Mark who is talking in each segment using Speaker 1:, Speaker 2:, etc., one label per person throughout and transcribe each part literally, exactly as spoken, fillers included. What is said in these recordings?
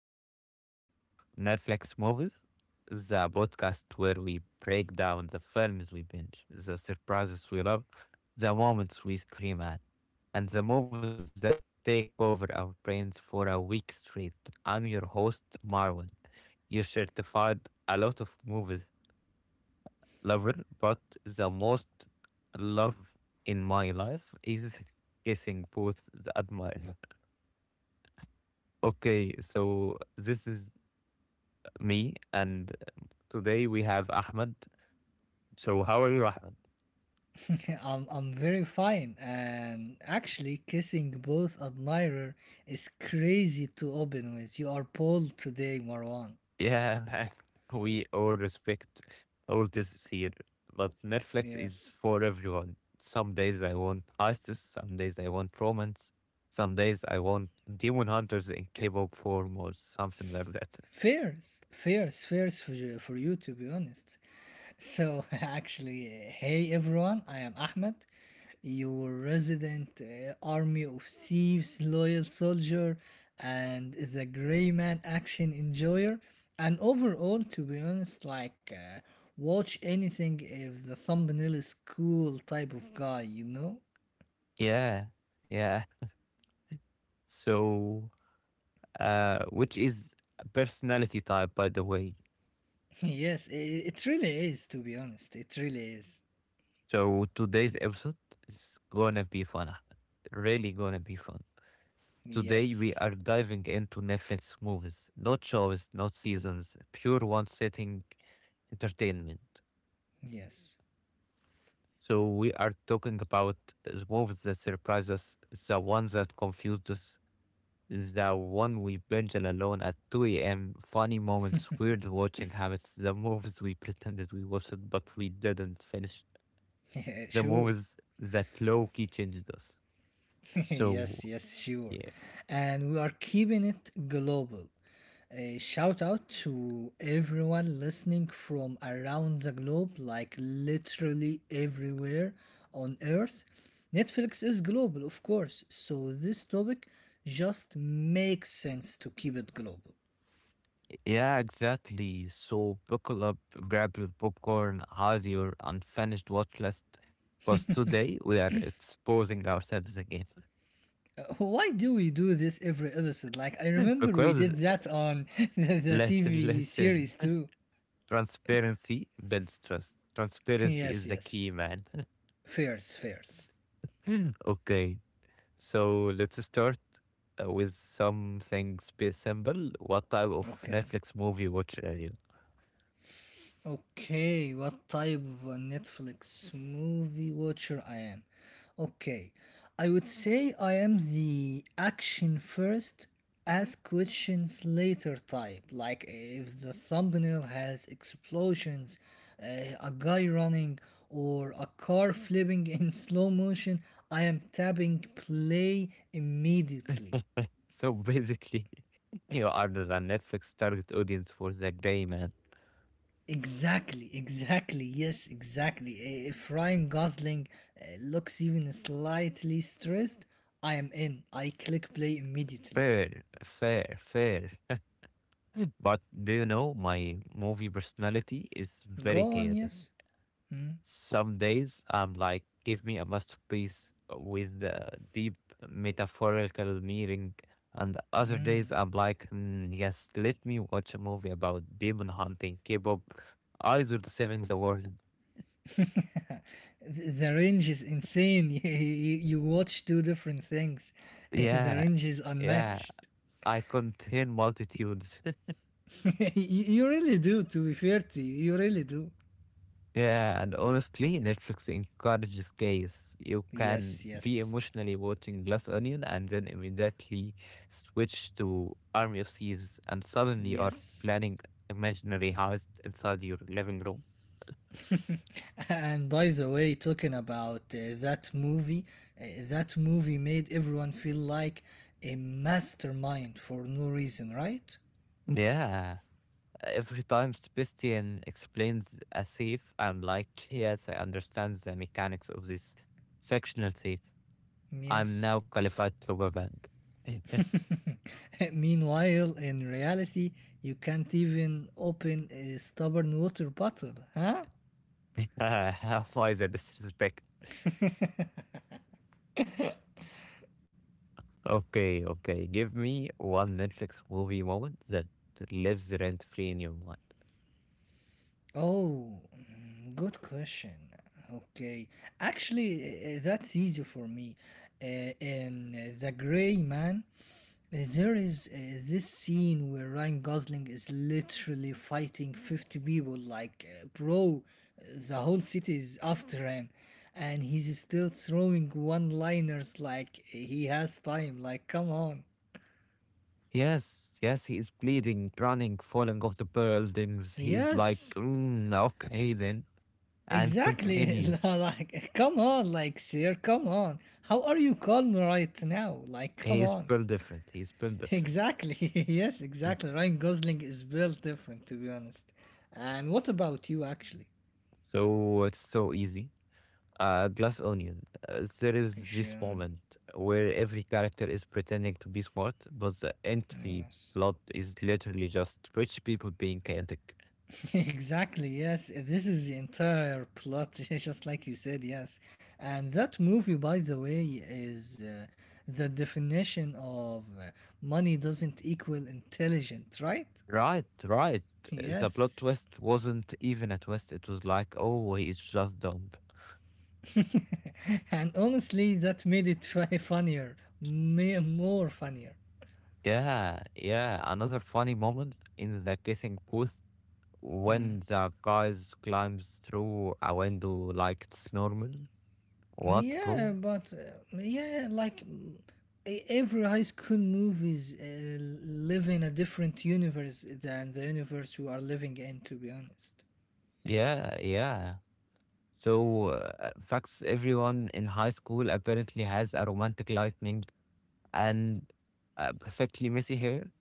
Speaker 1: another episode of Netflix Movies, the podcast where we break down the films we binge, the surprises we love, the moments we scream at, and the movies that take over our brains for a week straight. I'm your host, Marwan. You are certified a lot of movies lover, but the most love in my life is kissing both the admirer. Okay, so this is me, and today we have Ahmed. So, how are you, Ahmed?
Speaker 2: I'm, I'm very fine, and actually, kissing both admirer is crazy to open with. You are bold today, Marwan.
Speaker 1: Yeah, man, we all respect all this here, but Netflix is
Speaker 2: Yes,
Speaker 1: for everyone. Some days I want ISIS, some days I want romance, some days I want Demon Hunters in K-pop form or something like that.
Speaker 2: fierce, fierce, fierce for you, for you to be honest. So, actually, uh, hey everyone, I am Ahmed, your resident uh, army of thieves, loyal soldier, and the gray man action enjoyer. And overall, to be honest, like, uh, watch anything if the thumbnail is cool type of guy, you know?
Speaker 1: Yeah, yeah. So, uh, which is a personality type, by the way?
Speaker 2: yes, I it really is, to be honest. It really is.
Speaker 1: So today's episode is gonna be fun, Ahmed. Really gonna be fun. Today we
Speaker 2: Yes,
Speaker 1: are diving into Netflix movies, not shows, not seasons, pure one sitting entertainment.
Speaker 2: yes.
Speaker 1: So we are talking about the movies that surprise us, the ones that confused us, the one we binge alone at two a m. Funny moments, weird watching habits, the movies we pretended we watched but we didn't finish, the
Speaker 2: sure.
Speaker 1: movies that low key changed us. So,
Speaker 2: yes, yes, sure.
Speaker 1: yeah,
Speaker 2: And we are keeping it global. A shout out to everyone listening from around the globe, like literally everywhere on earth. Netflix is global, of course, so this topic just makes sense to keep it global.
Speaker 1: yeah, exactly. So buckle up, grab your popcorn, have your unfinished watch list, because today we are exposing ourselves again.
Speaker 2: Uh, Why do we do this every episode? Like, I remember we
Speaker 1: Because
Speaker 2: did that on the, the
Speaker 1: listen,
Speaker 2: T V series
Speaker 1: listen,
Speaker 2: too.
Speaker 1: transparency builds trust. Transparency
Speaker 2: Yes,
Speaker 1: is the
Speaker 2: yes.
Speaker 1: key, man.
Speaker 2: Fairs, fairs.
Speaker 1: Okay, so let's start uh, with something sp- simple. What type of
Speaker 2: Okay.
Speaker 1: Netflix movie watch are you?
Speaker 2: Okay, what type of a Netflix movie watcher I am? Okay, I would say I am the action first, ask questions later type. Like if the thumbnail has explosions, uh, a guy running, or a car flipping in slow motion, I am tapping play immediately.
Speaker 1: So basically, you are the Netflix target audience for the gray man.
Speaker 2: Exactly, exactly. Yes, exactly. I- If Ryan Gosling uh, looks even slightly stressed, I am in. I click play immediately.
Speaker 1: Fair, fair, fair. But do you know my movie personality is very
Speaker 2: Go on,
Speaker 1: chaotic.
Speaker 2: yes. Mm,
Speaker 1: Some days I'm like, give me a masterpiece with a deep metaphorical meaning, and other days
Speaker 2: mm.
Speaker 1: I'm like, "Mm, yes, let me watch a movie about demon hunting, K-pop, either the saving the world."
Speaker 2: Th- The range is insane. You you watch two different things. The
Speaker 1: Yeah,
Speaker 2: range is
Speaker 1: yeah.
Speaker 2: unmatched.
Speaker 1: I contain multitudes.
Speaker 2: You you really do, to be fair to you. You really do.
Speaker 1: Yeah, and honestly, Netflix encourages gaze. You
Speaker 2: Yes,
Speaker 1: can be
Speaker 2: yes,
Speaker 1: emotionally watching Glass Onion and then immediately switch to Army of Thieves, and suddenly are
Speaker 2: yes.
Speaker 1: planning imaginary house inside your living room.
Speaker 2: And by the way, talking about uh, that movie, uh, that movie made everyone feel like a mastermind for no reason, right?
Speaker 1: Yeah, every time Sebastian explains a safe, I'm like, yes, I understand the mechanics of this fictional safe. I'm
Speaker 2: Yes.
Speaker 1: now qualified to bank.
Speaker 2: Meanwhile, in reality, you can't even open a stubborn water bottle, huh?
Speaker 1: Why the disrespect? Okay, okay. Give me one Netflix movie moment that lives rent free in your mind.
Speaker 2: Oh, mm, good question. Okay, actually, uh, that's easy for me. Uh, in uh, The Gray Man, there is uh, this scene where Ryan Gosling is literally fighting fifty people, like, uh, bro, uh, the whole city is after him. And he's still throwing one liners like he has time. Like, come on.
Speaker 1: Yes, yes, he is bleeding, running, falling off the buildings. He is like,
Speaker 2: Yes,
Speaker 1: mm, okay then, and
Speaker 2: exactly.
Speaker 1: continue.
Speaker 2: like, come on, like, sir, come on. How are you calm right now? Like,
Speaker 1: He
Speaker 2: come
Speaker 1: is
Speaker 2: on.
Speaker 1: built different. He is built different.
Speaker 2: Exactly. yes,
Speaker 1: Yes.
Speaker 2: exactly. Ryan Gosling is built different, to be honest. And what about you, actually?
Speaker 1: So it's so easy. Uh, Glass Onion. Uh, there is this
Speaker 2: Hisham.
Speaker 1: moment where every character is pretending to be smart, but the entry
Speaker 2: Yes.
Speaker 1: plot is literally just rich people being chaotic.
Speaker 2: exactly, yes. This is the entire plot, just like you said, yes. And that movie, by the way, is uh, the definition of uh, money doesn't equal intelligent, right?
Speaker 1: Right, right. The plot
Speaker 2: Yes.
Speaker 1: twist wasn't even a twist. It was like, oh, he's just dumb.
Speaker 2: and honestly, that made it fu- funnier, ma- more funnier.
Speaker 1: Yeah, yeah. Another funny moment in the kissing booth
Speaker 2: Hmm.
Speaker 1: when the guys climbs through a window like it's normal. What,
Speaker 2: Yeah,
Speaker 1: bro?
Speaker 2: but uh, yeah, like mm, e- every high school movies uh, live in a different universe than the universe you are living in. To be honest,
Speaker 1: Yeah, yeah. So, uh, facts everyone in high school apparently has a romantic lightning and uh, perfectly messy hair.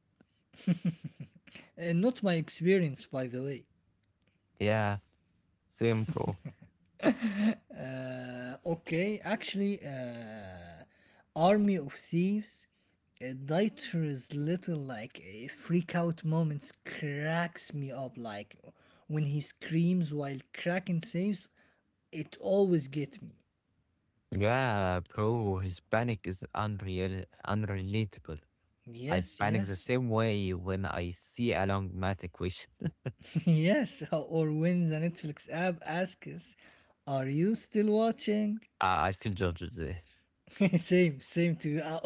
Speaker 2: uh, not my experience, by the way.
Speaker 1: Yeah, same, bro.
Speaker 2: Uh, okay, actually, uh, Army of Thieves. Uh, Dieter's little like uh, freak out moments cracks me up. Like when he screams while cracking saves, it always get me.
Speaker 1: Yeah, bro, his panic is unreal, unrelatable. I
Speaker 2: Yes,
Speaker 1: panic the
Speaker 2: yes.
Speaker 1: same way when I see a long math equation.
Speaker 2: Yes, or when the Netflix app asks, are you still watching?
Speaker 1: I I feel judged there.
Speaker 2: same, same to you. Uh,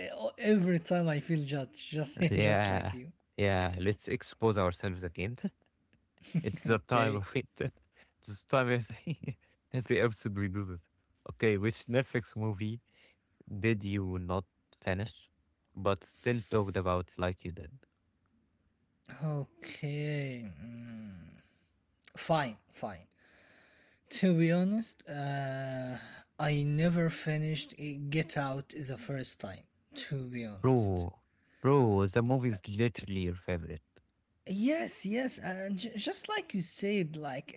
Speaker 2: uh, Every time I feel judged, just, just
Speaker 1: Yeah,
Speaker 2: like you.
Speaker 1: yeah. Let's expose ourselves again. It's the time
Speaker 2: Okay,
Speaker 1: of it. It's the time every every episode we do this. Okay, which Netflix movie did you not finish, but still talked about like you did?
Speaker 2: okay. mm, Fine, fine. To be honest, uh, I never finished uh, Get Out the first time, to be honest.
Speaker 1: Bro, bro, the movie is literally your favorite.
Speaker 2: Yes, yes, and j- just like you said, like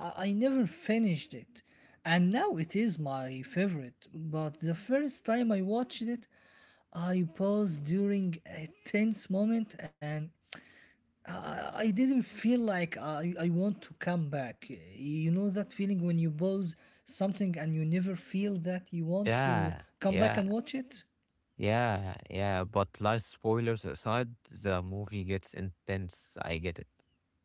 Speaker 2: uh, I-, I never finished it, and now it is my favorite. But the first time I watched it, I paused during a tense moment, and I, I I didn't feel like I I want to come back. You know that feeling when you pause something and you never feel that you want to
Speaker 1: Yeah,
Speaker 2: come back
Speaker 1: yeah,
Speaker 2: and watch it.
Speaker 1: yeah, yeah. But life spoilers aside, the movie gets intense. I get it.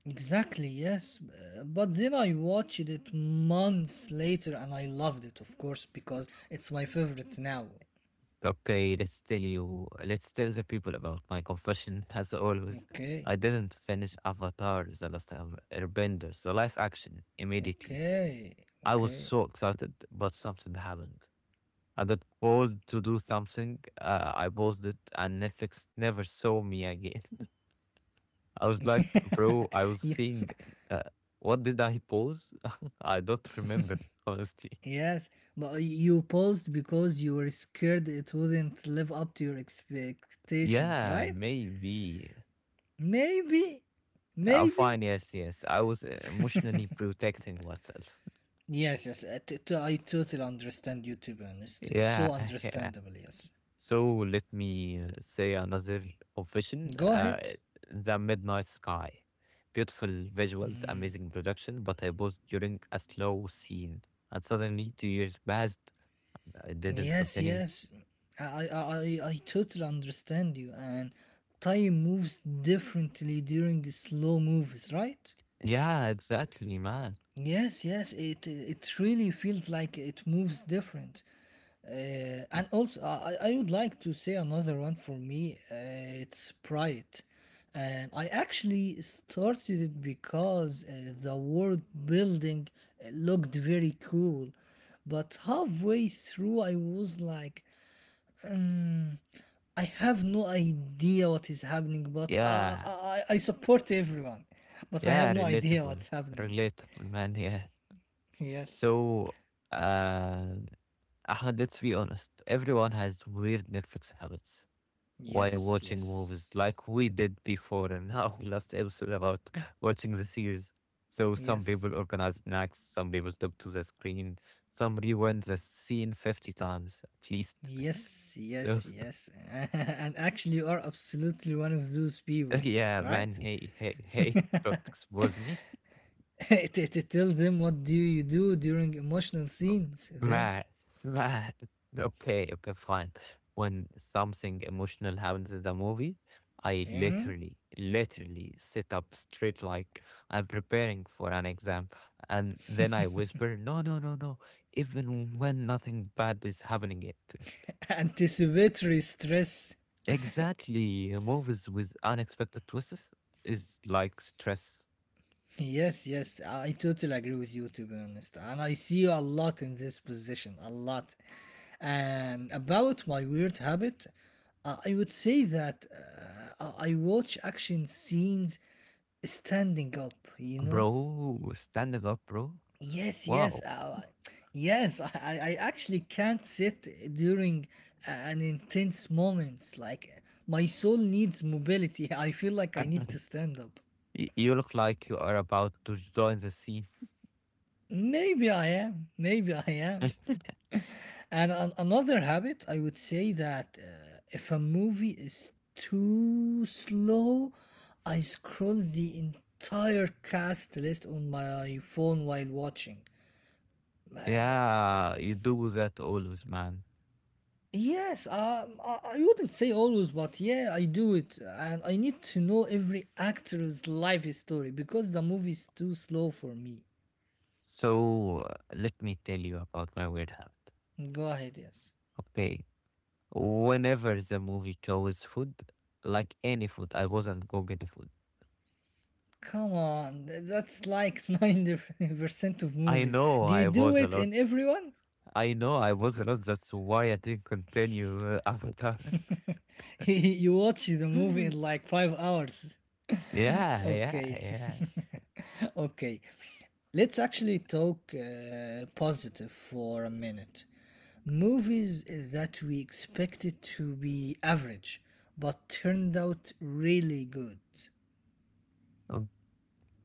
Speaker 2: Exactly, yes. Uh, But then I watched it months later and I loved it, of course, because it's my favorite now.
Speaker 1: Okay, let's tell you, let's tell the people about my confession. As always,
Speaker 2: Okay,
Speaker 1: I didn't finish Avatar: The Last Air- Airbender, so live action immediately.
Speaker 2: okay,
Speaker 1: I was
Speaker 2: okay.
Speaker 1: so excited, but something happened. I got called to do something. Uh, I paused it, and Netflix never saw me again. I was like,
Speaker 2: Ye-
Speaker 1: bro, I was seeing. Uh, what did I pause? I don't remember honestly.
Speaker 2: yes, but you paused because you were scared it wouldn't live up to your expectations,
Speaker 1: Yeah,
Speaker 2: right?
Speaker 1: maybe.
Speaker 2: Maybe,
Speaker 1: Uh,
Speaker 2: maybe.
Speaker 1: fine. Yes, yes. I was uh, emotionally protecting myself.
Speaker 2: Yes, yes, I t- t- I totally understand you, to be honest.
Speaker 1: Yeah,
Speaker 2: So
Speaker 1: yeah.
Speaker 2: understandable, yes.
Speaker 1: So let me uh, say another confession.
Speaker 2: Go
Speaker 1: Uh,
Speaker 2: ahead.
Speaker 1: The Midnight Sky. Beautiful visuals, amazing production, but I was during a slow scene. And suddenly two years passed. I didn't
Speaker 2: Yes,
Speaker 1: continue.
Speaker 2: yes. I, I, I, I totally understand you. And time moves differently during slow movies, right?
Speaker 1: Yeah, exactly, man.
Speaker 2: Yes, yes. It it really feels like it moves different. Uh, and also, I, I I would like to say another one for me. Uh, it's Pride. And I actually started it because uh, the world building uh, looked very cool. But halfway through, I was like, I have no idea what is happening, but uh,
Speaker 1: Yeah,
Speaker 2: I, I support everyone. But I have
Speaker 1: yeah,
Speaker 2: no idea
Speaker 1: relatable,
Speaker 2: what's happening.
Speaker 1: relatable, man. Yeah.
Speaker 2: Yes,
Speaker 1: So, uh, Ahmed, let's be honest, everyone has weird Netflix habits while
Speaker 2: yes,
Speaker 1: watching movies,
Speaker 2: yes,
Speaker 1: like we did before in our last episode about watching the series. So some
Speaker 2: yes,
Speaker 1: people organize snacks, some people stop to the screen, some rewind the scene fifty times at least.
Speaker 2: yes,
Speaker 1: So
Speaker 2: yes, yes. and actually, you are absolutely one of those people,
Speaker 1: yeah, man,
Speaker 2: right?
Speaker 1: hey, hey, hey, don't expose me.
Speaker 2: T- t- Tell them what do you do during emotional scenes then?
Speaker 1: Right, right. Okay, okay, fine. When something emotional happens in the movie, I
Speaker 2: Hmm?
Speaker 1: literally, literally sit up straight like I'm preparing for an exam. And then I whisper, no, no, no, no, even when nothing bad is happening yet.
Speaker 2: Anticipatory stress.
Speaker 1: Exactly. Movies with unexpected twists is like stress.
Speaker 2: Yes, yes, I totally agree with you to be honest. And I see you a lot in this position, a lot. And about my weird habit, uh, I would say that uh, I I watch action scenes standing up, you know?
Speaker 1: Bro, standing up, bro.
Speaker 2: Yes, yes,
Speaker 1: Wow.
Speaker 2: uh, yes, I, I I actually can't sit during uh, an intense moments. Like my soul needs mobility. I feel like I need to stand up.
Speaker 1: Y- You look like you are about to join the scene.
Speaker 2: Maybe I am. Maybe I am. And an- another habit, I would say that uh, if a movie is too slow, I scroll the entire cast list on my phone while watching. Um,
Speaker 1: Yeah, you do that always, man.
Speaker 2: Yes, um, I, I wouldn't say always, but yeah, I do it. And I need to know every actor's life story because the movie is too slow for me.
Speaker 1: So uh, let me tell you about my weird habit.
Speaker 2: Go ahead, yes.
Speaker 1: Okay, whenever the movie chose food, like any food, I wasn't go get the food.
Speaker 2: Come on, th- that's like ninety percent of
Speaker 1: I
Speaker 2: movies.
Speaker 1: know
Speaker 2: Do you
Speaker 1: I
Speaker 2: do
Speaker 1: was a
Speaker 2: it
Speaker 1: lot.
Speaker 2: in everyone?
Speaker 1: I know I was a lot. That's why I didn't continue uh, Avatar.
Speaker 2: you watch the movie
Speaker 1: Yeah,
Speaker 2: in like five hours.
Speaker 1: yeah,
Speaker 2: Okay,
Speaker 1: yeah.
Speaker 2: okay. Let's actually talk uh, positive for a minute. Movies that we expected to be average but turned out really good.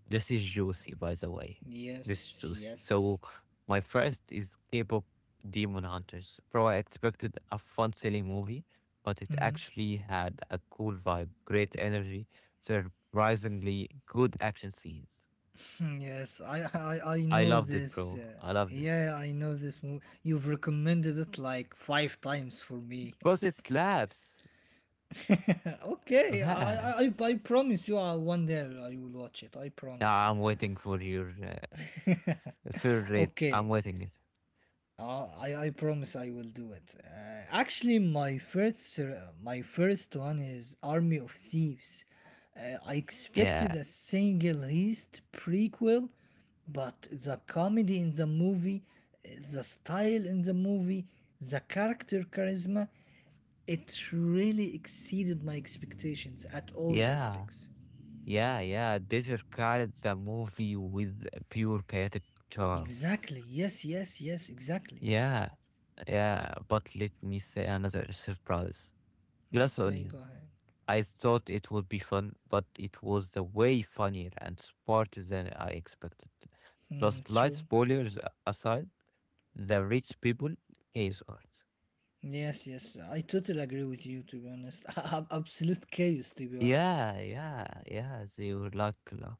Speaker 1: This is juicy, by the way. This is
Speaker 2: Yes,
Speaker 1: juicy.
Speaker 2: yes.
Speaker 1: So, my first is K-pop Demon Hunters. Bro, I expected a fun, silly movie, but it
Speaker 2: Mm,
Speaker 1: actually had a cool vibe, great energy, surprisingly good action scenes.
Speaker 2: Yes, I, I I
Speaker 1: I
Speaker 2: know
Speaker 1: loved it,
Speaker 2: this.
Speaker 1: bro.
Speaker 2: Uh,
Speaker 1: I loved it.
Speaker 2: yeah, I know this movie. You've recommended it like five times for me.
Speaker 1: Plus, it slaps.
Speaker 2: Okay, I,
Speaker 1: Man.
Speaker 2: I I I promise you uh, one day I will watch it. I promise you.
Speaker 1: Now I'm waiting for your uh, third rate. I'm
Speaker 2: Okay,
Speaker 1: waiting it.
Speaker 2: uh, I I promise I will do it. Uh, actually, my first ser- my first one is Army of Thieves. Uh, I expected
Speaker 1: Yeah.
Speaker 2: a single heist prequel, but the comedy in the movie, uh, the style in the movie, the character charisma, it really exceeded my expectations at all
Speaker 1: Yeah.
Speaker 2: aspects.
Speaker 1: Yeah, yeah, Desert Island, the movie with pure chaotic charm.
Speaker 2: Exactly. Yes, yes, yes, exactly.
Speaker 1: Yeah, yeah, but let me say another surprise. Glass
Speaker 2: Okay, go
Speaker 1: Onion.
Speaker 2: ahead.
Speaker 1: I thought it would be fun, but it was the way funnier and smarter than I expected. Plus,
Speaker 2: Hmm,
Speaker 1: light
Speaker 2: true.
Speaker 1: spoilers a- aside, the rich people case art.
Speaker 2: Yes, yes, I totally agree with you, to be honest. Ab- Absolute chaos, to be honest.
Speaker 1: Yeah, yeah, yeah, they were like, uh,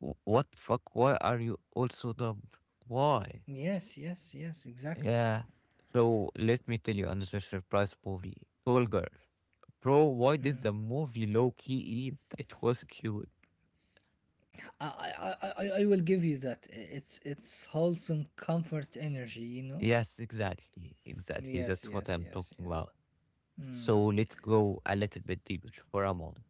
Speaker 1: "Wh- what the fuck? Why are you all so dumb? Why?"
Speaker 2: Yes, yes, yes, exactly.
Speaker 1: Yeah. So let me tell you another surprise movie. Tall Girl. Bro, why did
Speaker 2: Hmm.
Speaker 1: the movie low key eat? It was cute.
Speaker 2: I, I, I, I- I will give you that. I- It's, it's wholesome comfort energy, you know?
Speaker 1: Yes, exactly. Exactly.
Speaker 2: Yes,
Speaker 1: That's what
Speaker 2: yes,
Speaker 1: I'm
Speaker 2: yes,
Speaker 1: talking
Speaker 2: yes.
Speaker 1: about.
Speaker 2: Hmm.
Speaker 1: So let's go a little bit deeper for a moment.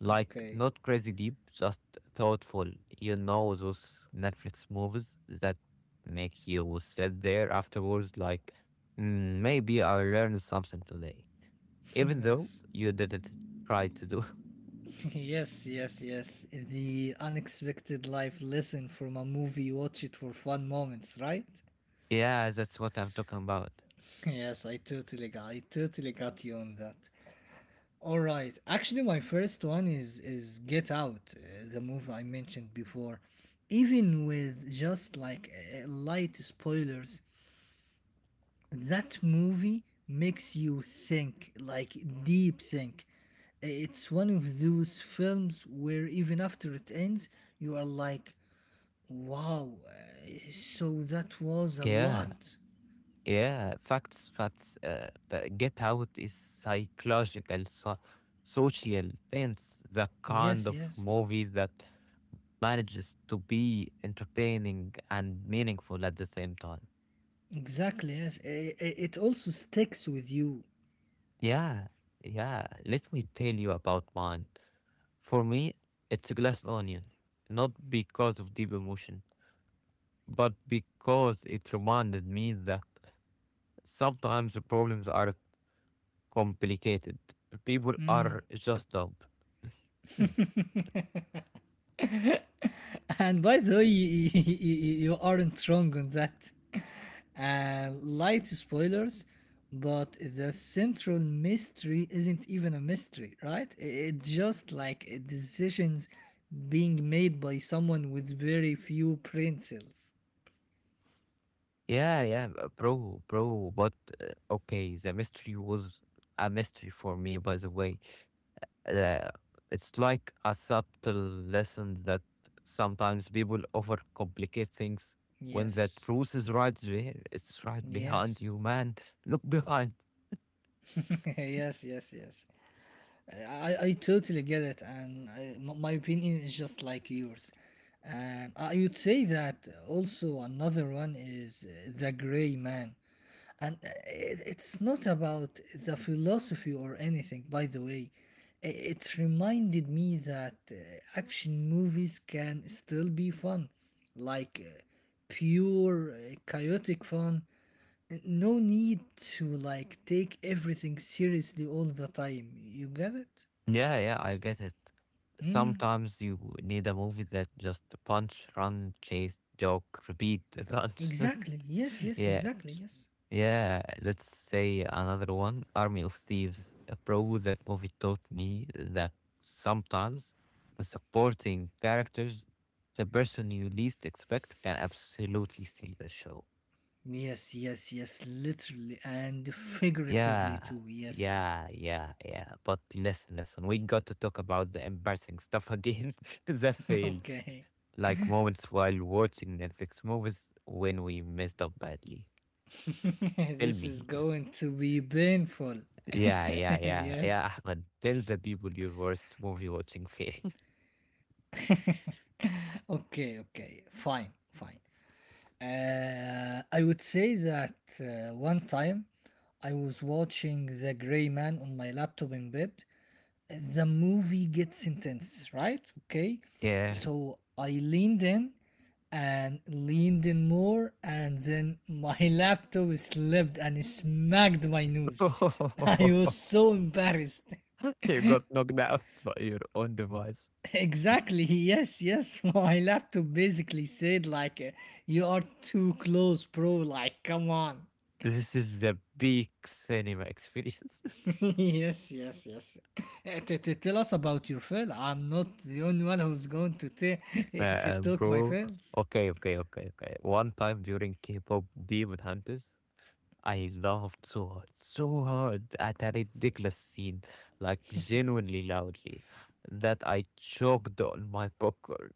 Speaker 1: Like,
Speaker 2: Okay.
Speaker 1: not crazy deep, just thoughtful. You know, those Netflix movies that make you sit there afterwards, like, "Mm, maybe I learned something today. Even though
Speaker 2: yes.
Speaker 1: you didn't try to do."
Speaker 2: yes, yes, yes. The unexpected life lesson from a movie, watch it for fun moments, right?
Speaker 1: Yeah, that's what I'm talking about.
Speaker 2: Yes, I totally got I totally got you on that. All right. Actually, my first one is is Get Out, uh, the movie I mentioned before. Even with just like uh, light spoilers, that movie makes you think, like deep think. It's one of those films where even after it ends, you are like, wow, uh, so that was a
Speaker 1: Yeah,
Speaker 2: lot.
Speaker 1: yeah. Facts, facts. Uh, The Get Out is psychological, so, social things. The kind
Speaker 2: Yes,
Speaker 1: of
Speaker 2: yes.
Speaker 1: movie that manages to be entertaining and meaningful at the same time.
Speaker 2: Exactly, yes. I- I- It also sticks with you.
Speaker 1: Yeah, yeah. Let me tell you about mine. For me, it's a glass onion, not because of deep emotion, but because it reminded me that sometimes the problems are complicated. People are just dumb.
Speaker 2: And by the way, y- y- y- you aren't wrong on that. Uh, light spoilers, but the central mystery isn't even a mystery, right? I- It's just like uh, decisions being made by someone with very few brain cells.
Speaker 1: Yeah, yeah, b- bro, bro. But uh, okay, the mystery was a mystery for me, by the way. Uh, it's like a subtle lesson that sometimes people overcomplicate things when the
Speaker 2: Yes,
Speaker 1: truth is right there. It's right behind
Speaker 2: yes,
Speaker 1: you, man. Look behind.
Speaker 2: yes, yes, yes. I, I totally get it, and I, m- my opinion is just like yours. And I would say that also another one is uh, The Gray Man. And uh, it, it's not about the philosophy or anything, by the way. I- It reminded me that uh, action movies can still be fun, like uh, pure, uh, chaotic fun. N- No need to like take everything seriously all the time. You get it?
Speaker 1: Yeah, yeah, I get it.
Speaker 2: Mm,
Speaker 1: Sometimes you need a movie that just punch, run, chase, joke, repeat, punch.
Speaker 2: exactly. Yes, yes,
Speaker 1: Yeah,
Speaker 2: exactly. Yes.
Speaker 1: yeah, let's say another one, Army of Thieves. A pro that movie taught me that sometimes the supporting characters, the person you least expect, can absolutely steal the show.
Speaker 2: Yes, yes, yes, literally and figuratively
Speaker 1: Yeah,
Speaker 2: too. Yes.
Speaker 1: yeah, yeah, yeah. But listen, listen, we got to talk about the embarrassing stuff again that fails.
Speaker 2: Okay.
Speaker 1: Like moments while watching Netflix movies when we messed up badly. Tell
Speaker 2: this is
Speaker 1: me.
Speaker 2: going to be painful.
Speaker 1: Yeah, yeah, yeah, yeah,
Speaker 2: yes.
Speaker 1: Ahmed. Tell the people your worst movie watching fail.
Speaker 2: Okay, okay. Fine, fine. Uh, I would say that uh, one time I was watching The Gray Man on my laptop in bed. The movie gets intense, right? Okay.
Speaker 1: Yeah.
Speaker 2: So I leaned in and leaned in more, and then my laptop slipped and smacked my nose. I was so embarrassed.
Speaker 1: You got knocked out by your own device.
Speaker 2: Exactly. Yes, yes. My laptop basically said, like, uh, you are too close, bro. Like, come on.
Speaker 1: This is the big cinema experience.
Speaker 2: yes, yes, yes. Uh, t- t- tell us about your fail. I'm not the only one who's going to, t-
Speaker 1: Uh,
Speaker 2: to
Speaker 1: um,
Speaker 2: talk my
Speaker 1: bro.
Speaker 2: fails.
Speaker 1: Okay, okay, okay, okay. One time during K pop Demon Hunters, I laughed so hard, so hard at a ridiculous scene, like genuinely loudly, that I choked on my popcorn.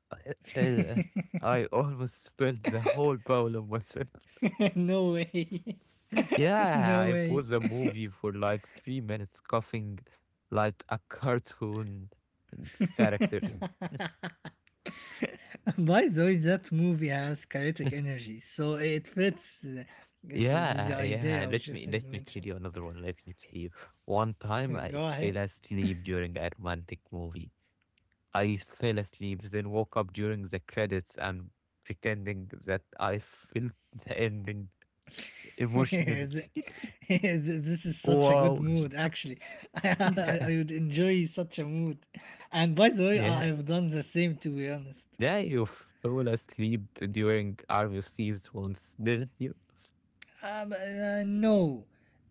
Speaker 1: I almost spilled the whole bowl of myself.
Speaker 2: No way.
Speaker 1: Yeah,
Speaker 2: No
Speaker 1: I
Speaker 2: way.
Speaker 1: paused the movie for like three minutes, coughing like a cartoon character.
Speaker 2: By the way, that movie has
Speaker 1: Yeah,
Speaker 2: chaotic energy, so it fits uh, the, the, the
Speaker 1: yeah. Yeah.
Speaker 2: idea of
Speaker 1: Let me
Speaker 2: just as
Speaker 1: let me tell
Speaker 2: mentioned.
Speaker 1: you another one. Let me tell you. One time I
Speaker 2: Go
Speaker 1: fell
Speaker 2: ahead.
Speaker 1: asleep during a romantic movie. I fell asleep, then woke up during the credits and pretending that I felt the ending emotionally.
Speaker 2: Th- this is such a good
Speaker 1: Wow.
Speaker 2: mood, actually. I, I,
Speaker 1: Yeah.
Speaker 2: I would enjoy such a mood. And by the way,
Speaker 1: Yeah.
Speaker 2: I, I've done the same, to be honest.
Speaker 1: Yeah, you fell asleep during R F Cs once, didn't you?
Speaker 2: Um, uh, no.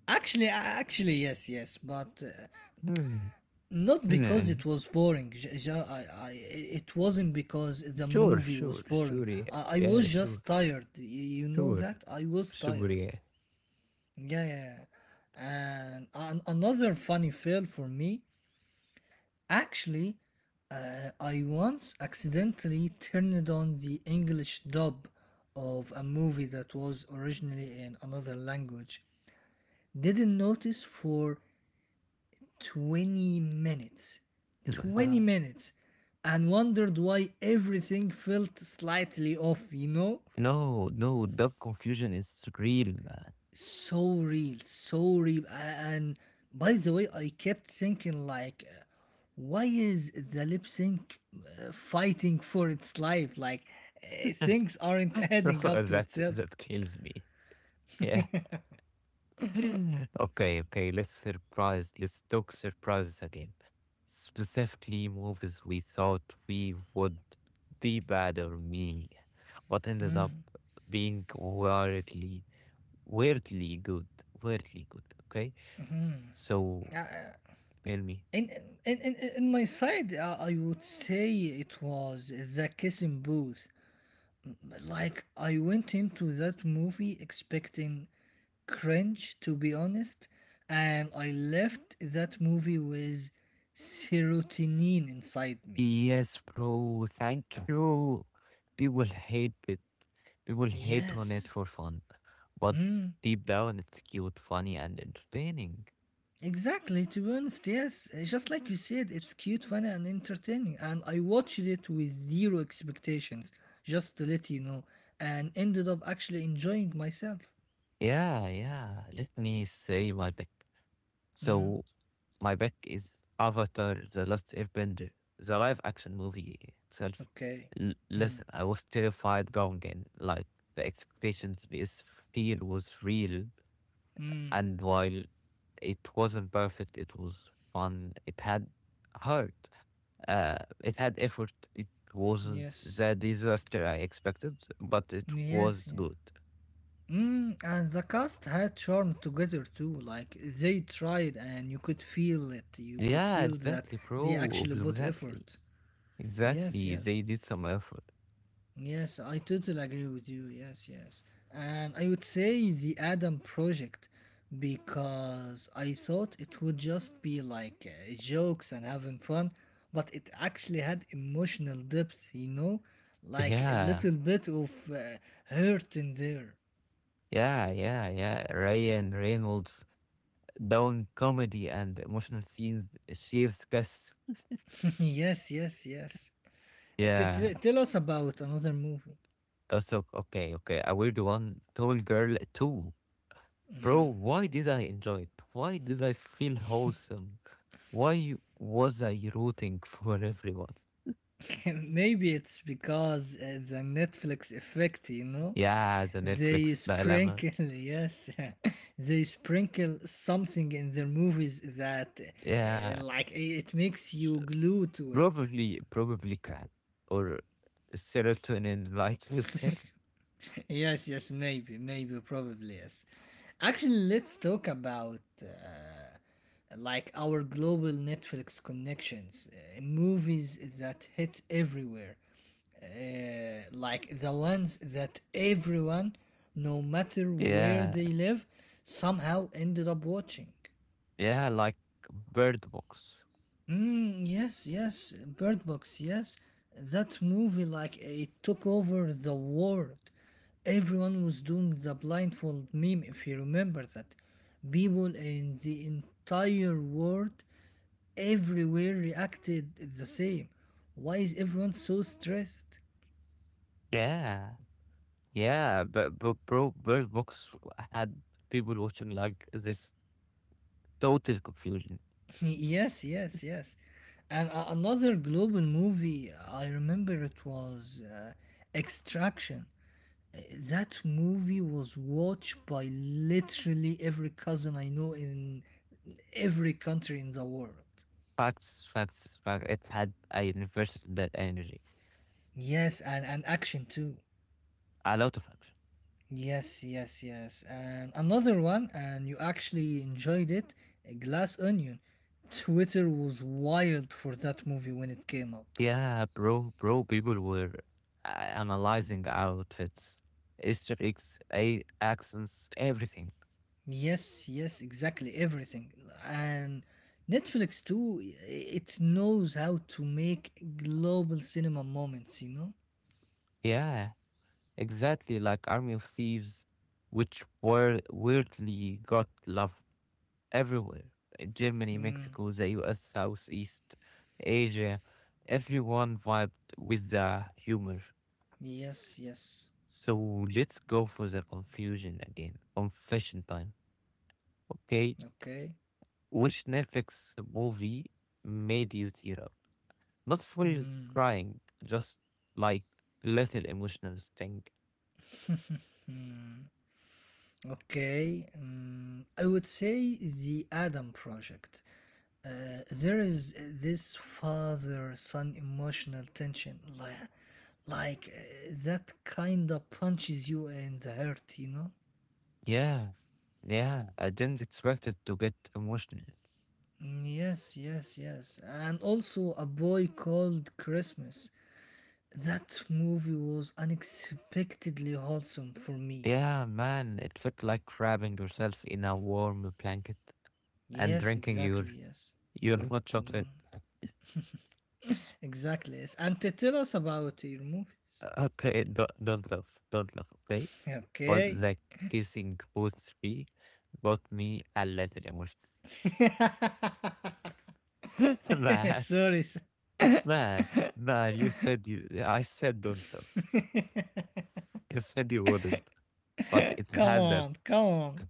Speaker 2: Actually, uh, actually, yes, yes, but uh,
Speaker 1: Hmm.
Speaker 2: not because
Speaker 1: Yeah.
Speaker 2: it was boring j- j- I, I, it wasn't because the
Speaker 1: Sure,
Speaker 2: movie was
Speaker 1: sure,
Speaker 2: boring.
Speaker 1: sure. Yeah,
Speaker 2: I, I
Speaker 1: yeah,
Speaker 2: was
Speaker 1: sure,
Speaker 2: just tired. Y- you know
Speaker 1: sure,
Speaker 2: that I was
Speaker 1: sure.
Speaker 2: tired.
Speaker 1: Yeah.
Speaker 2: Yeah, yeah, yeah. and an- another funny fail for me actually. Uh, i once accidentally turned on the english dub of a movie that was originally in another language, didn't notice for twenty minutes. twenty
Speaker 1: Uh,
Speaker 2: minutes. And wondered why everything felt slightly off, you know?
Speaker 1: No, no, dub confusion is real, man.
Speaker 2: So real, so real. And by the way, I kept thinking, like, uh, why is the lip sync uh, fighting for its life? Like, uh, things aren't adding up to
Speaker 1: that
Speaker 2: itself.
Speaker 1: that kills me. Yeah. Okay, okay, let's surprise, let's talk surprises again. Specifically, movies we thought we would be bad or me, but ended up being weirdly, weirdly good, weirdly good. Okay, so
Speaker 2: Uh,
Speaker 1: tell me.
Speaker 2: in, in, in, in my side, uh, I would say it was the Kissing Booth. Like, I went into that movie expecting cringe, to be honest, and I left that movie with serotonin inside me.
Speaker 1: Yes, bro, thank you. People hate it. People hate on it
Speaker 2: Yes.
Speaker 1: for fun, but
Speaker 2: Mm,
Speaker 1: deep down, it's cute, funny, and entertaining.
Speaker 2: exactly, to be honest, yes. Uh, just like you said, it's cute, funny, and entertaining. And I watched it with zero expectations, just to let you know, and ended up actually enjoying myself.
Speaker 1: Yeah, yeah. Let me say my pick.
Speaker 2: Mm,
Speaker 1: So my pick is Avatar: The Last Airbender, the live-action movie itself.
Speaker 2: okay.
Speaker 1: L-
Speaker 2: Mm,
Speaker 1: listen, I was terrified going in. Like the expectations, because fear was real,
Speaker 2: mm,
Speaker 1: and while it wasn't perfect, it was fun. It had heart. Uh, it had effort. It wasn't
Speaker 2: yes.
Speaker 1: the disaster I expected, but it
Speaker 2: Yes,
Speaker 1: was
Speaker 2: yeah.
Speaker 1: good.
Speaker 2: Mm, and the cast had charm together too. Like they tried, and you could feel it. You could
Speaker 1: Yeah,
Speaker 2: feel that
Speaker 1: exactly,
Speaker 2: they
Speaker 1: bro.
Speaker 2: actually put
Speaker 1: Exactly.
Speaker 2: effort. Yes,
Speaker 1: Exactly.
Speaker 2: yes,
Speaker 1: They did some effort.
Speaker 2: yes. I totally agree with you. Yes, yes. And I would say The Adam Project, because I thought it would just be like uh, jokes and having fun, but it actually had emotional depth. You know, like a
Speaker 1: Yeah.
Speaker 2: little bit of uh, hurt in there.
Speaker 1: Yeah. Yeah. Yeah. Ryan Reynolds down comedy and emotional scenes achieves guess.
Speaker 2: Yes, yes, yes. T-
Speaker 1: Yeah.
Speaker 2: t- tell us about another movie.
Speaker 1: Also, okay. Okay. A weird one. Tall girl too. Bro, why did I enjoy it? Why did I feel wholesome? Why was I rooting for everyone?
Speaker 2: Maybe it's because uh, the Netflix effect, you know?
Speaker 1: Yeah, the
Speaker 2: They
Speaker 1: Netflix dilemma.
Speaker 2: sprinkle, yes, they sprinkle something in their movies that, uh,
Speaker 1: Yeah.
Speaker 2: like, i- it makes you glue to it.
Speaker 1: Probably, probably crack or serotonin like you said.
Speaker 2: Yes, yes, maybe, maybe, probably, yes. Actually, let's talk about uh, like our global Netflix connections, uh, movies that hit everywhere, uh, like the ones that everyone, no matter where
Speaker 1: Yeah,
Speaker 2: they live, somehow ended up watching.
Speaker 1: yeah, like Bird Box.
Speaker 2: Mm, yes, yes, Bird Box, yes. That movie, like, it took over the world. Everyone was doing the blindfold meme, if you remember that. People in the entire world, everywhere, reacted the same. Why is everyone so stressed?
Speaker 1: Yeah, yeah, but, but bro, Bird Box had people watching like this total confusion.
Speaker 2: Yes, yes, yes. And a- another global movie, I remember it was uh, Extraction. Uh, That movie was watched by literally every cousin I know in every country in the world.
Speaker 1: Facts, facts, facts. It had a universal that energy,
Speaker 2: Yes, and, and action too.
Speaker 1: a lot of action.
Speaker 2: Yes, yes, yes. And another one, and you actually enjoyed it, uh, Glass Onion. Twitter was wild for that movie when it came up.
Speaker 1: Yeah, bro, bro, people were uh, analyzing outfits, Easter eggs, a- accents, everything.
Speaker 2: Yes, yes, exactly. Everything. And Netflix too, it knows how to make global cinema moments, you know?
Speaker 1: Yeah, exactly like Army of Thieves, which were weirdly got love everywhere. Uh, Germany,
Speaker 2: Mm,
Speaker 1: Mexico, the U S, Southeast Asia, everyone vibed with the humor.
Speaker 2: yes, yes.
Speaker 1: So let's go for the confusion again. Confession time. Okay.
Speaker 2: Okay.
Speaker 1: Which Netflix movie made you tear up? Not full
Speaker 2: Mm,
Speaker 1: crying, just like little emotional thing.
Speaker 2: hmm. Okay. Mm, I would say The Adam Project. Uh, there is this father son emotional tension. Like, like uh, that kind of punches you in the heart, you know?
Speaker 1: Yeah, yeah, I didn't expect it to get emotional.
Speaker 2: Mm, yes, yes, yes. And also A Boy Called Christmas. That movie was unexpectedly wholesome for me.
Speaker 1: Yeah, man, it felt like wrapping yourself in a warm blanket and
Speaker 2: Yes,
Speaker 1: drinking your
Speaker 2: exactly, yes.
Speaker 1: your hot
Speaker 2: Mm,
Speaker 1: chocolate.
Speaker 2: exactly, yes. And to tell us about your movies.
Speaker 1: Uh, Okay, don't, don't laugh, don't laugh, okay? But
Speaker 2: Okay.
Speaker 1: the kissing both three got me a little emotional.
Speaker 2: Sorry, sir.
Speaker 1: Man, man, you said you. I said don't. Though. You said you wouldn't, but it
Speaker 2: Come
Speaker 1: had that.
Speaker 2: on, come on.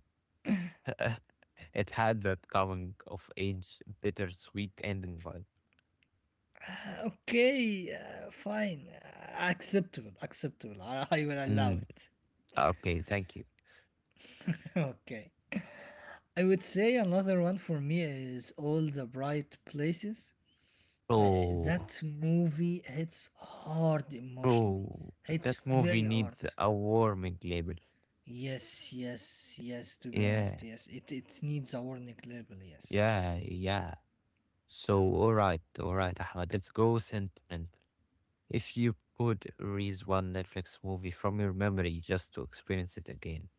Speaker 1: It had that coming of age, bittersweet ending vibe.
Speaker 2: Uh, Okay, uh, fine. Uh, acceptable, acceptable. I, I will allow
Speaker 1: Mm,
Speaker 2: it.
Speaker 1: okay, thank you.
Speaker 2: Okay. I would say another one for me is All the Bright Places. Uh,
Speaker 1: Oh,
Speaker 2: that movie hits hard emotionally.
Speaker 1: oh,
Speaker 2: Hits
Speaker 1: that movie
Speaker 2: very hard.
Speaker 1: needs a warming label.
Speaker 2: Yes, yes, yes, to be honest,
Speaker 1: Yeah,
Speaker 2: yes. It, it needs a warning label, yes.
Speaker 1: yeah, yeah. So, all right, all right, Ahmad, let's go sentiment. If you could raise one Netflix movie from your memory just to experience it again,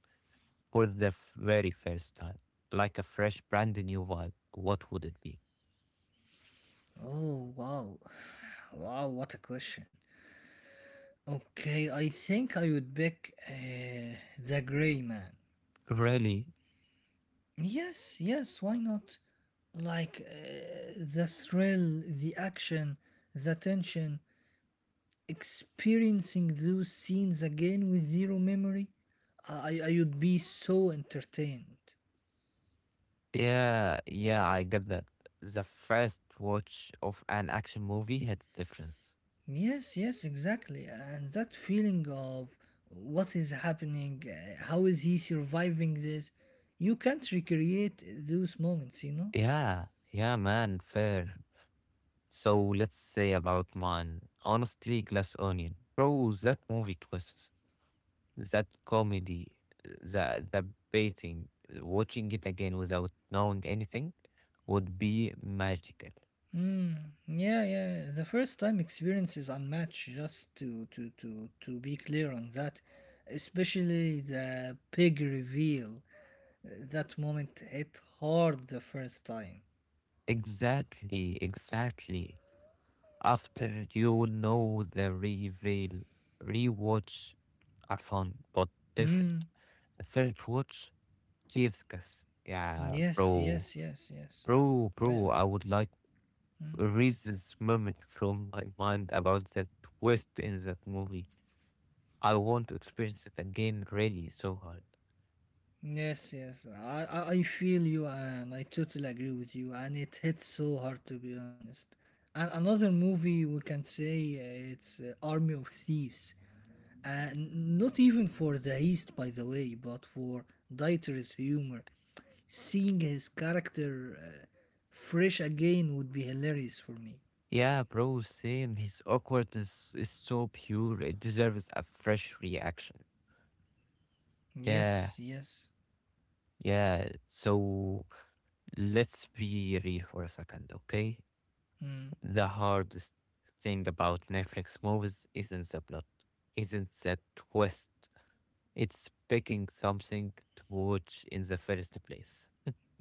Speaker 1: for the f- very first time, like a fresh, brand new one, what would it be?
Speaker 2: Oh, wow. Wow, what a question. Okay, I think I would pick uh, The Grey Man.
Speaker 1: Really?
Speaker 2: Yes, yes, why not? Like uh, the thrill, the action, the tension. Experiencing those scenes again with zero memory, I, I would be so entertained.
Speaker 1: Yeah, yeah, I get that. The first watch of an action movie hits difference.
Speaker 2: Yes, yes, exactly. And that feeling of what is happening, uh, how is he surviving this? You can't recreate those moments, you know?
Speaker 1: Yeah, yeah, man, fair. So let's say about mine. Honestly, Glass Onion. Bro, that movie twists, that comedy, the the baiting, watching it again without knowing anything would be magical.
Speaker 2: Mm, yeah, yeah. The first time experience is unmatched. Just to to to to be clear on that, especially the pig reveal. Uh, that moment hit hard the first time.
Speaker 1: Exactly, exactly. After you know the reveal, rewatch are fun but different.
Speaker 2: Mm,
Speaker 1: The first watch, Jesus, kiss. Yeah,
Speaker 2: yes,
Speaker 1: bro,
Speaker 2: yes, yes, yes.
Speaker 1: bro,
Speaker 2: Yeah.
Speaker 1: bro. I would like erase this moment from my mind about that twist in that movie. I want to experience it again really so hard.
Speaker 2: Yes, yes. I, I, I feel you and I totally agree with you and it hits so hard to be honest. And another movie we can say uh, it's uh, Army of Thieves. And not even for the East by the way, but for Dieter's humor. Seeing his character uh, fresh again would be hilarious for me.
Speaker 1: Yeah, bro, same. His awkwardness is so pure. It deserves a fresh reaction. Yeah.
Speaker 2: Yes, yes.
Speaker 1: Yeah, so let's be real for a second, okay?
Speaker 2: Mm.
Speaker 1: The hardest thing about Netflix movies isn't the plot, isn't the twist. It's picking something to watch in the first place.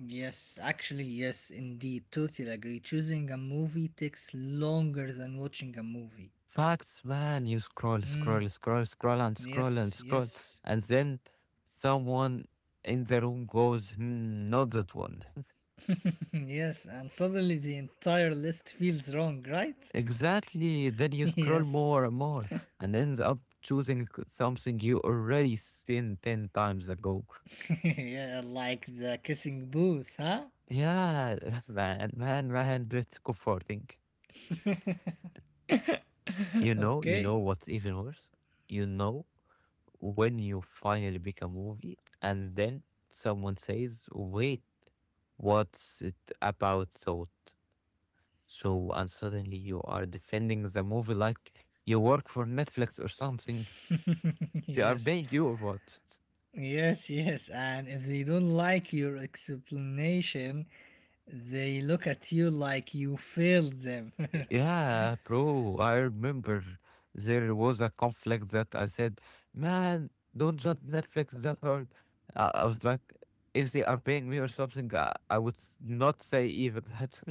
Speaker 2: Yes, actually, yes, indeed. Totally agree. Choosing a movie takes longer than watching a movie.
Speaker 1: Facts, man, you scroll, scroll,
Speaker 2: Mm,
Speaker 1: scroll, scroll, and scroll, and
Speaker 2: yes,
Speaker 1: scroll,
Speaker 2: yes,
Speaker 1: and then someone in the room goes, hmm, not that one.
Speaker 2: yes. And suddenly the entire list feels wrong, right?
Speaker 1: Exactly. Then you scroll
Speaker 2: Yes.
Speaker 1: more and more and end up choosing c- something you already seen ten times ago.
Speaker 2: Yeah, like the Kissing Booth, huh?
Speaker 1: Yeah, man, man, man, that's comforting. You know, you know
Speaker 2: Okay.
Speaker 1: what's even worse? You know when you finally pick a movie and then someone says, wait, what's it about? So, so, and suddenly you are defending the movie like you work for Netflix or something. They are
Speaker 2: Yes.
Speaker 1: paying you or what?
Speaker 2: Yes, yes. And if they don't like your explanation, they look at you like you failed them.
Speaker 1: Yeah, bro, I remember there was a conflict that I said, man, don't judge Netflix that hard. I, I was like, if they are paying me or something, I, I would s- not say even that.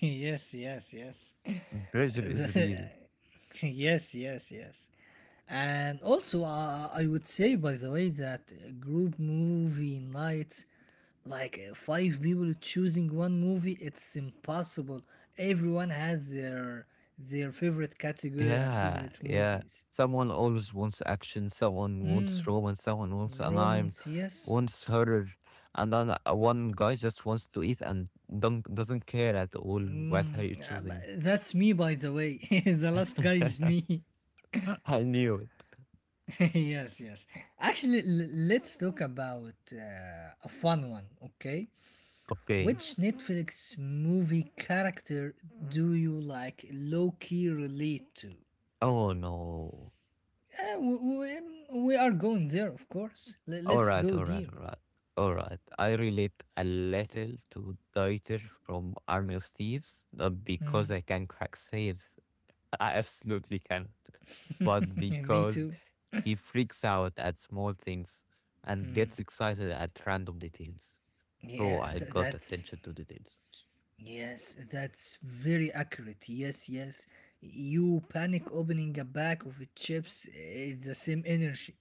Speaker 2: Yes, yes, yes.
Speaker 1: Pressure is real.
Speaker 2: Yes, yes, yes. And also, uh, I would say, by the way, that group movie nights, like uh, five people choosing one movie, it's impossible. Everyone has their their favorite category and
Speaker 1: Yeah,
Speaker 2: favorite
Speaker 1: yeah.
Speaker 2: movies.
Speaker 1: Someone always wants action, someone wants
Speaker 2: Mm,
Speaker 1: romance, someone wants an anime,
Speaker 2: romance, yes.
Speaker 1: wants horror, and then uh, one guy just wants to eat and don't, doesn't care at all what are
Speaker 2: Mm,
Speaker 1: you
Speaker 2: uh, b-
Speaker 1: choosing.
Speaker 2: that's me, by the way. The last guy is me.
Speaker 1: I knew it.
Speaker 2: Yes, yes. Actually, l- let's talk about uh, a fun one, okay?
Speaker 1: Okay.
Speaker 2: Which Netflix movie character do you like low key relate to?
Speaker 1: Oh no.
Speaker 2: Uh, we, we, we are going there, of course. Let, let
Speaker 1: All
Speaker 2: us
Speaker 1: right,
Speaker 2: go
Speaker 1: all right,
Speaker 2: deep.
Speaker 1: all right. All right. I relate a little to Dieter from Army of Thieves, not because
Speaker 2: Mm.
Speaker 1: I can crack saves. I absolutely can't. But
Speaker 2: Me
Speaker 1: because
Speaker 2: too.
Speaker 1: he freaks out at small things and
Speaker 2: Mm.
Speaker 1: gets excited at random details. Bro,
Speaker 2: Yeah,
Speaker 1: I
Speaker 2: th-
Speaker 1: got
Speaker 2: that's.
Speaker 1: attention to details.
Speaker 2: Yes, that's very accurate. Yes, yes. You panic opening a bag of chips is the same energy.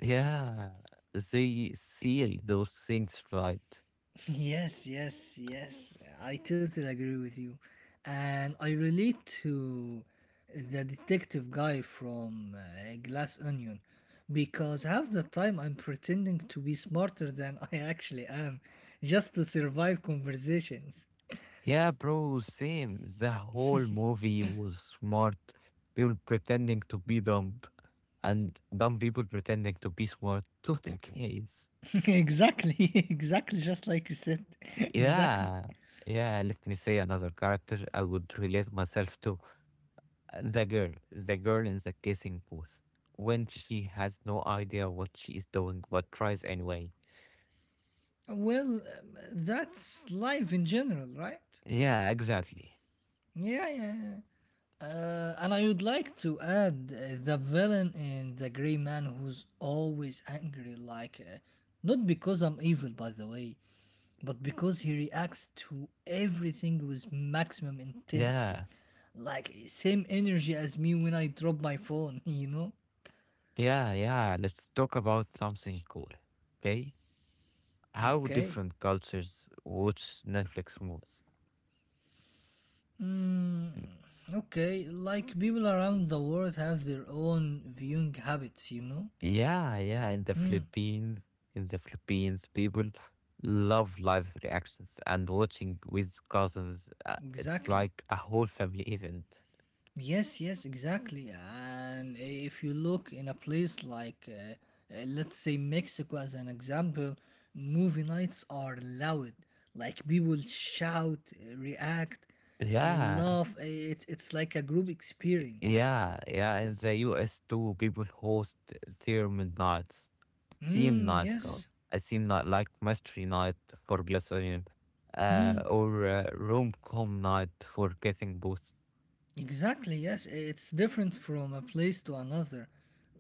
Speaker 1: Yeah. They see those things right.
Speaker 2: Yes, yes, yes. I totally agree with you. And I relate to the detective guy from uh, Glass Onion because half the time I'm pretending to be smarter than I actually am just to survive conversations.
Speaker 1: Yeah, bro, same. The whole movie was smart. People pretending to be dumb and dumb people pretending to be smart. Total case.
Speaker 2: Exactly, exactly, just like you said. Exactly.
Speaker 1: Yeah. Yeah, let me say another character I would relate myself to. The girl. The girl in the kissing booth. When she has no idea what she is doing but tries anyway.
Speaker 2: Well, um, that's life in general, right?
Speaker 1: Yeah, exactly.
Speaker 2: Yeah, yeah, yeah. Uh, and I would like to add uh, the villain in The Grey Man who's always angry, like, uh, not because I'm evil, by the way, but because he reacts to everything with maximum intensity.
Speaker 1: Yeah.
Speaker 2: Like, same energy as me when I drop my phone, you know?
Speaker 1: Yeah, yeah. Let's talk about something cool. Okay? How
Speaker 2: Okay.
Speaker 1: different cultures watch Netflix movies.
Speaker 2: Mm,
Speaker 1: And
Speaker 2: okay, like people around the world have their own viewing habits, you know?
Speaker 1: yeah, yeah, in the
Speaker 2: Mm,
Speaker 1: Philippines, in the Philippines, people love live reactions and watching with cousins. uh, It's
Speaker 2: exactly.
Speaker 1: like a whole family event.
Speaker 2: Yes, yes, exactly. And i- if you look in a place like, uh, uh, let's say Mexico as an example, movie nights are loud. Like people shout, uh, react, uh,
Speaker 1: Yeah,
Speaker 2: laugh. Uh, It, it's like a group experience.
Speaker 1: yeah, yeah. In the U S too, people host themed nights, theme
Speaker 2: Mm,
Speaker 1: nights, uh,
Speaker 2: yes.
Speaker 1: a theme night like mystery night for Glass Onion,
Speaker 2: Mm.
Speaker 1: uh, or uh, rom com night for Getting Both.
Speaker 2: Exactly, yes. It's different from a place to another.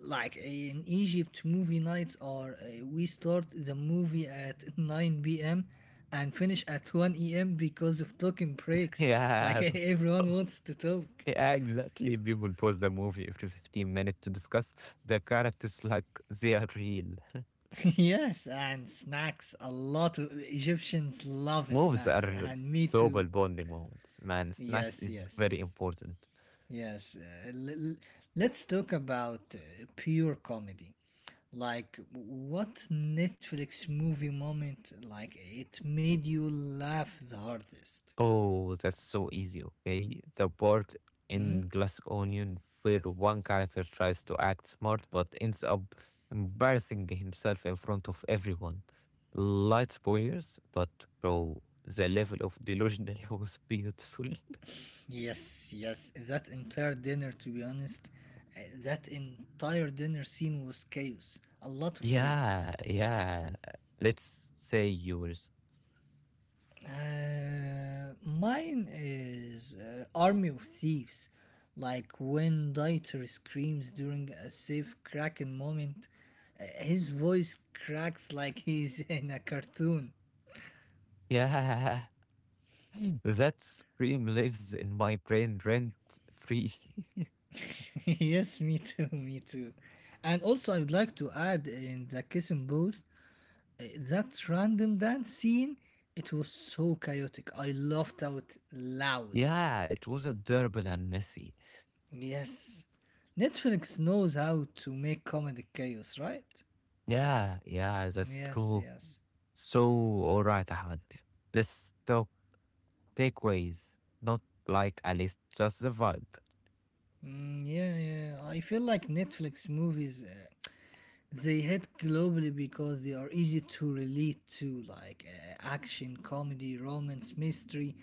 Speaker 2: Like in Egypt, movie nights are uh, we start the movie at nine p m and finish at one a m because of talking breaks. Like
Speaker 1: Yeah.
Speaker 2: everyone wants to talk.
Speaker 1: Yeah, exactly. People pause the movie after fifteen minutes to discuss the characters like they are real.
Speaker 2: Yes, and snacks. A lot of Egyptians love
Speaker 1: Movies
Speaker 2: snacks,
Speaker 1: are
Speaker 2: and me
Speaker 1: global
Speaker 2: too.
Speaker 1: bonding moments, man. Snacks
Speaker 2: Yes,
Speaker 1: is
Speaker 2: yes,
Speaker 1: very
Speaker 2: yes.
Speaker 1: important.
Speaker 2: Yes. Uh, l- l- let's talk about uh, pure comedy. Like, what Netflix movie moment, like, it made you laugh the hardest?
Speaker 1: Oh, that's so easy, okay? The part
Speaker 2: Hmm?
Speaker 1: in Glass Onion where one character tries to act smart but ends up embarrassing himself in front of everyone. Light spoilers, but bro, the level of delusion was beautiful.
Speaker 2: Yes, yes, that entire dinner, to be honest, uh, that entire dinner scene was chaos, a lot of chaos.
Speaker 1: Yeah, yeah. Let's say yours.
Speaker 2: Uh, mine is uh, Army of Thieves. Like when Dieter screams during a safe Kraken moment, uh, his voice cracks like he's in a cartoon.
Speaker 1: Yeah. That scream lives in my brain rent free.
Speaker 2: Yes, me too, me too. And also, I would like to add in the Kissing Booth uh, that random dance scene. It was so chaotic. I laughed out loud.
Speaker 1: Yeah, it was a durable and messy.
Speaker 2: Yes, Netflix knows how to make comedy chaos, right?
Speaker 1: Yeah, yeah, that's
Speaker 2: Yes,
Speaker 1: true.
Speaker 2: yes.
Speaker 1: So, all right, Ahmed. Let's talk takeaways. Not like a list, just the vibe.
Speaker 2: Mm, yeah, yeah. I feel like Netflix movies. Uh, they hit globally because they are easy to relate to, like uh, action, comedy, romance, mystery,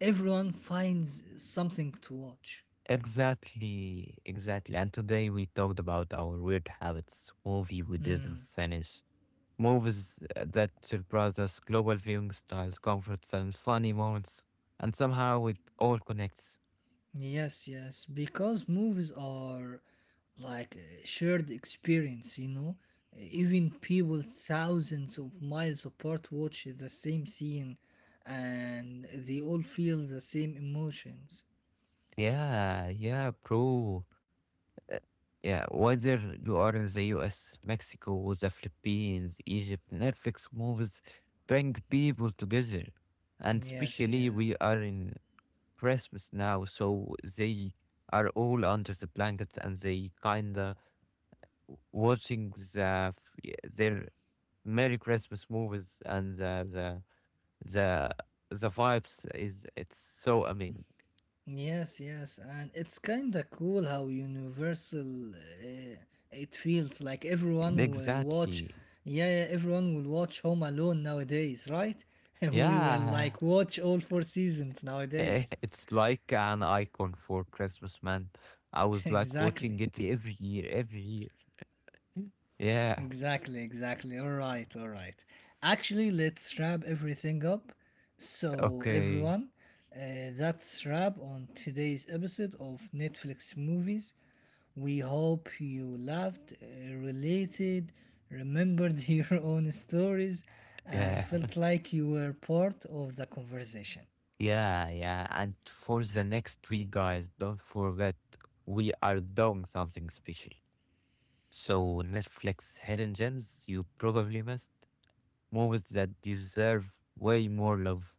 Speaker 2: everyone finds something to watch.
Speaker 1: Exactly, exactly. And today we talked about our weird habits, movie we didn't
Speaker 2: Mm,
Speaker 1: finish, movies that surprise us, global viewing styles, comfort films, funny moments, and somehow it all connects.
Speaker 2: yes, yes, because movies are like a shared experience, you know. Even people thousands of miles apart watch the same scene and they all feel the same emotions.
Speaker 1: Yeah, yeah, bro. Yeah, whether you are in the U S, Mexico, the Philippines, Egypt, Netflix movies bring people together. And
Speaker 2: Yes,
Speaker 1: especially
Speaker 2: yeah.
Speaker 1: we are in Christmas now, so they are all under the blanket and they kinda watching the, f- their Merry Christmas movies and the, the The the vibes is it's so amazing.
Speaker 2: Yes, yes, and it's kind of cool how universal uh, it feels. Like everyone will watch,
Speaker 1: Exactly.
Speaker 2: yeah, yeah, everyone will watch Home Alone nowadays, right? And we will
Speaker 1: Yeah.
Speaker 2: like watch all four seasons
Speaker 1: Eh,
Speaker 2: nowadays.
Speaker 1: it's like an icon for Christmas, man. I was like watching
Speaker 2: Exactly.
Speaker 1: it every year, every year. Yeah.
Speaker 2: Exactly, exactly. All right, all right. Actually, let's wrap everything up. So,
Speaker 1: Okay.
Speaker 2: everyone, uh, that's wrap on today's episode of Netflix movies. We hope you laughed, uh, related, remembered your own stories, and
Speaker 1: Yeah.
Speaker 2: felt like you were part of the conversation.
Speaker 1: Yeah, yeah. And for the next week, guys, don't forget we are doing something special. So Netflix hidden gems you probably missed, movies that deserve way more love.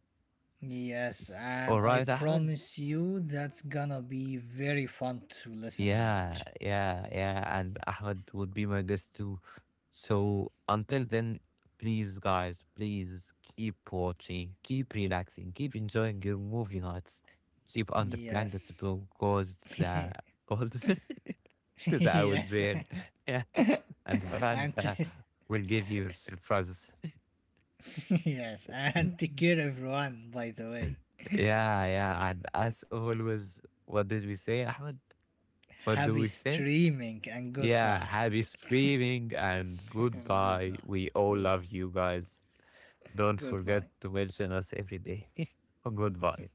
Speaker 2: Yes,
Speaker 1: All
Speaker 2: and I
Speaker 1: right, Ahmed.
Speaker 2: promise you that's gonna be very fun to listen and
Speaker 1: Yeah,
Speaker 2: watch.
Speaker 1: yeah, yeah. And Ahmed would be my guest too. So until then, please, guys, please keep watching, keep relaxing, keep enjoying your movie nights. Sleep under blankets
Speaker 2: Yes.
Speaker 1: because the cold is out
Speaker 2: Yes,
Speaker 1: there. Yeah, and
Speaker 2: and
Speaker 1: Fanta will give you surprises.
Speaker 2: yes, and take
Speaker 1: Yeah,
Speaker 2: care everyone. By the way,
Speaker 1: yeah. And as always, what did we say, Ahmed? What do
Speaker 2: happy
Speaker 1: we say?
Speaker 2: streaming and
Speaker 1: Yeah,
Speaker 2: goodbye.
Speaker 1: happy streaming and
Speaker 2: And good
Speaker 1: goodbye.
Speaker 2: night.
Speaker 1: We all love
Speaker 2: Yes,
Speaker 1: you guys. Don't forget
Speaker 2: goodbye.
Speaker 1: to mention us every day. Goodbye.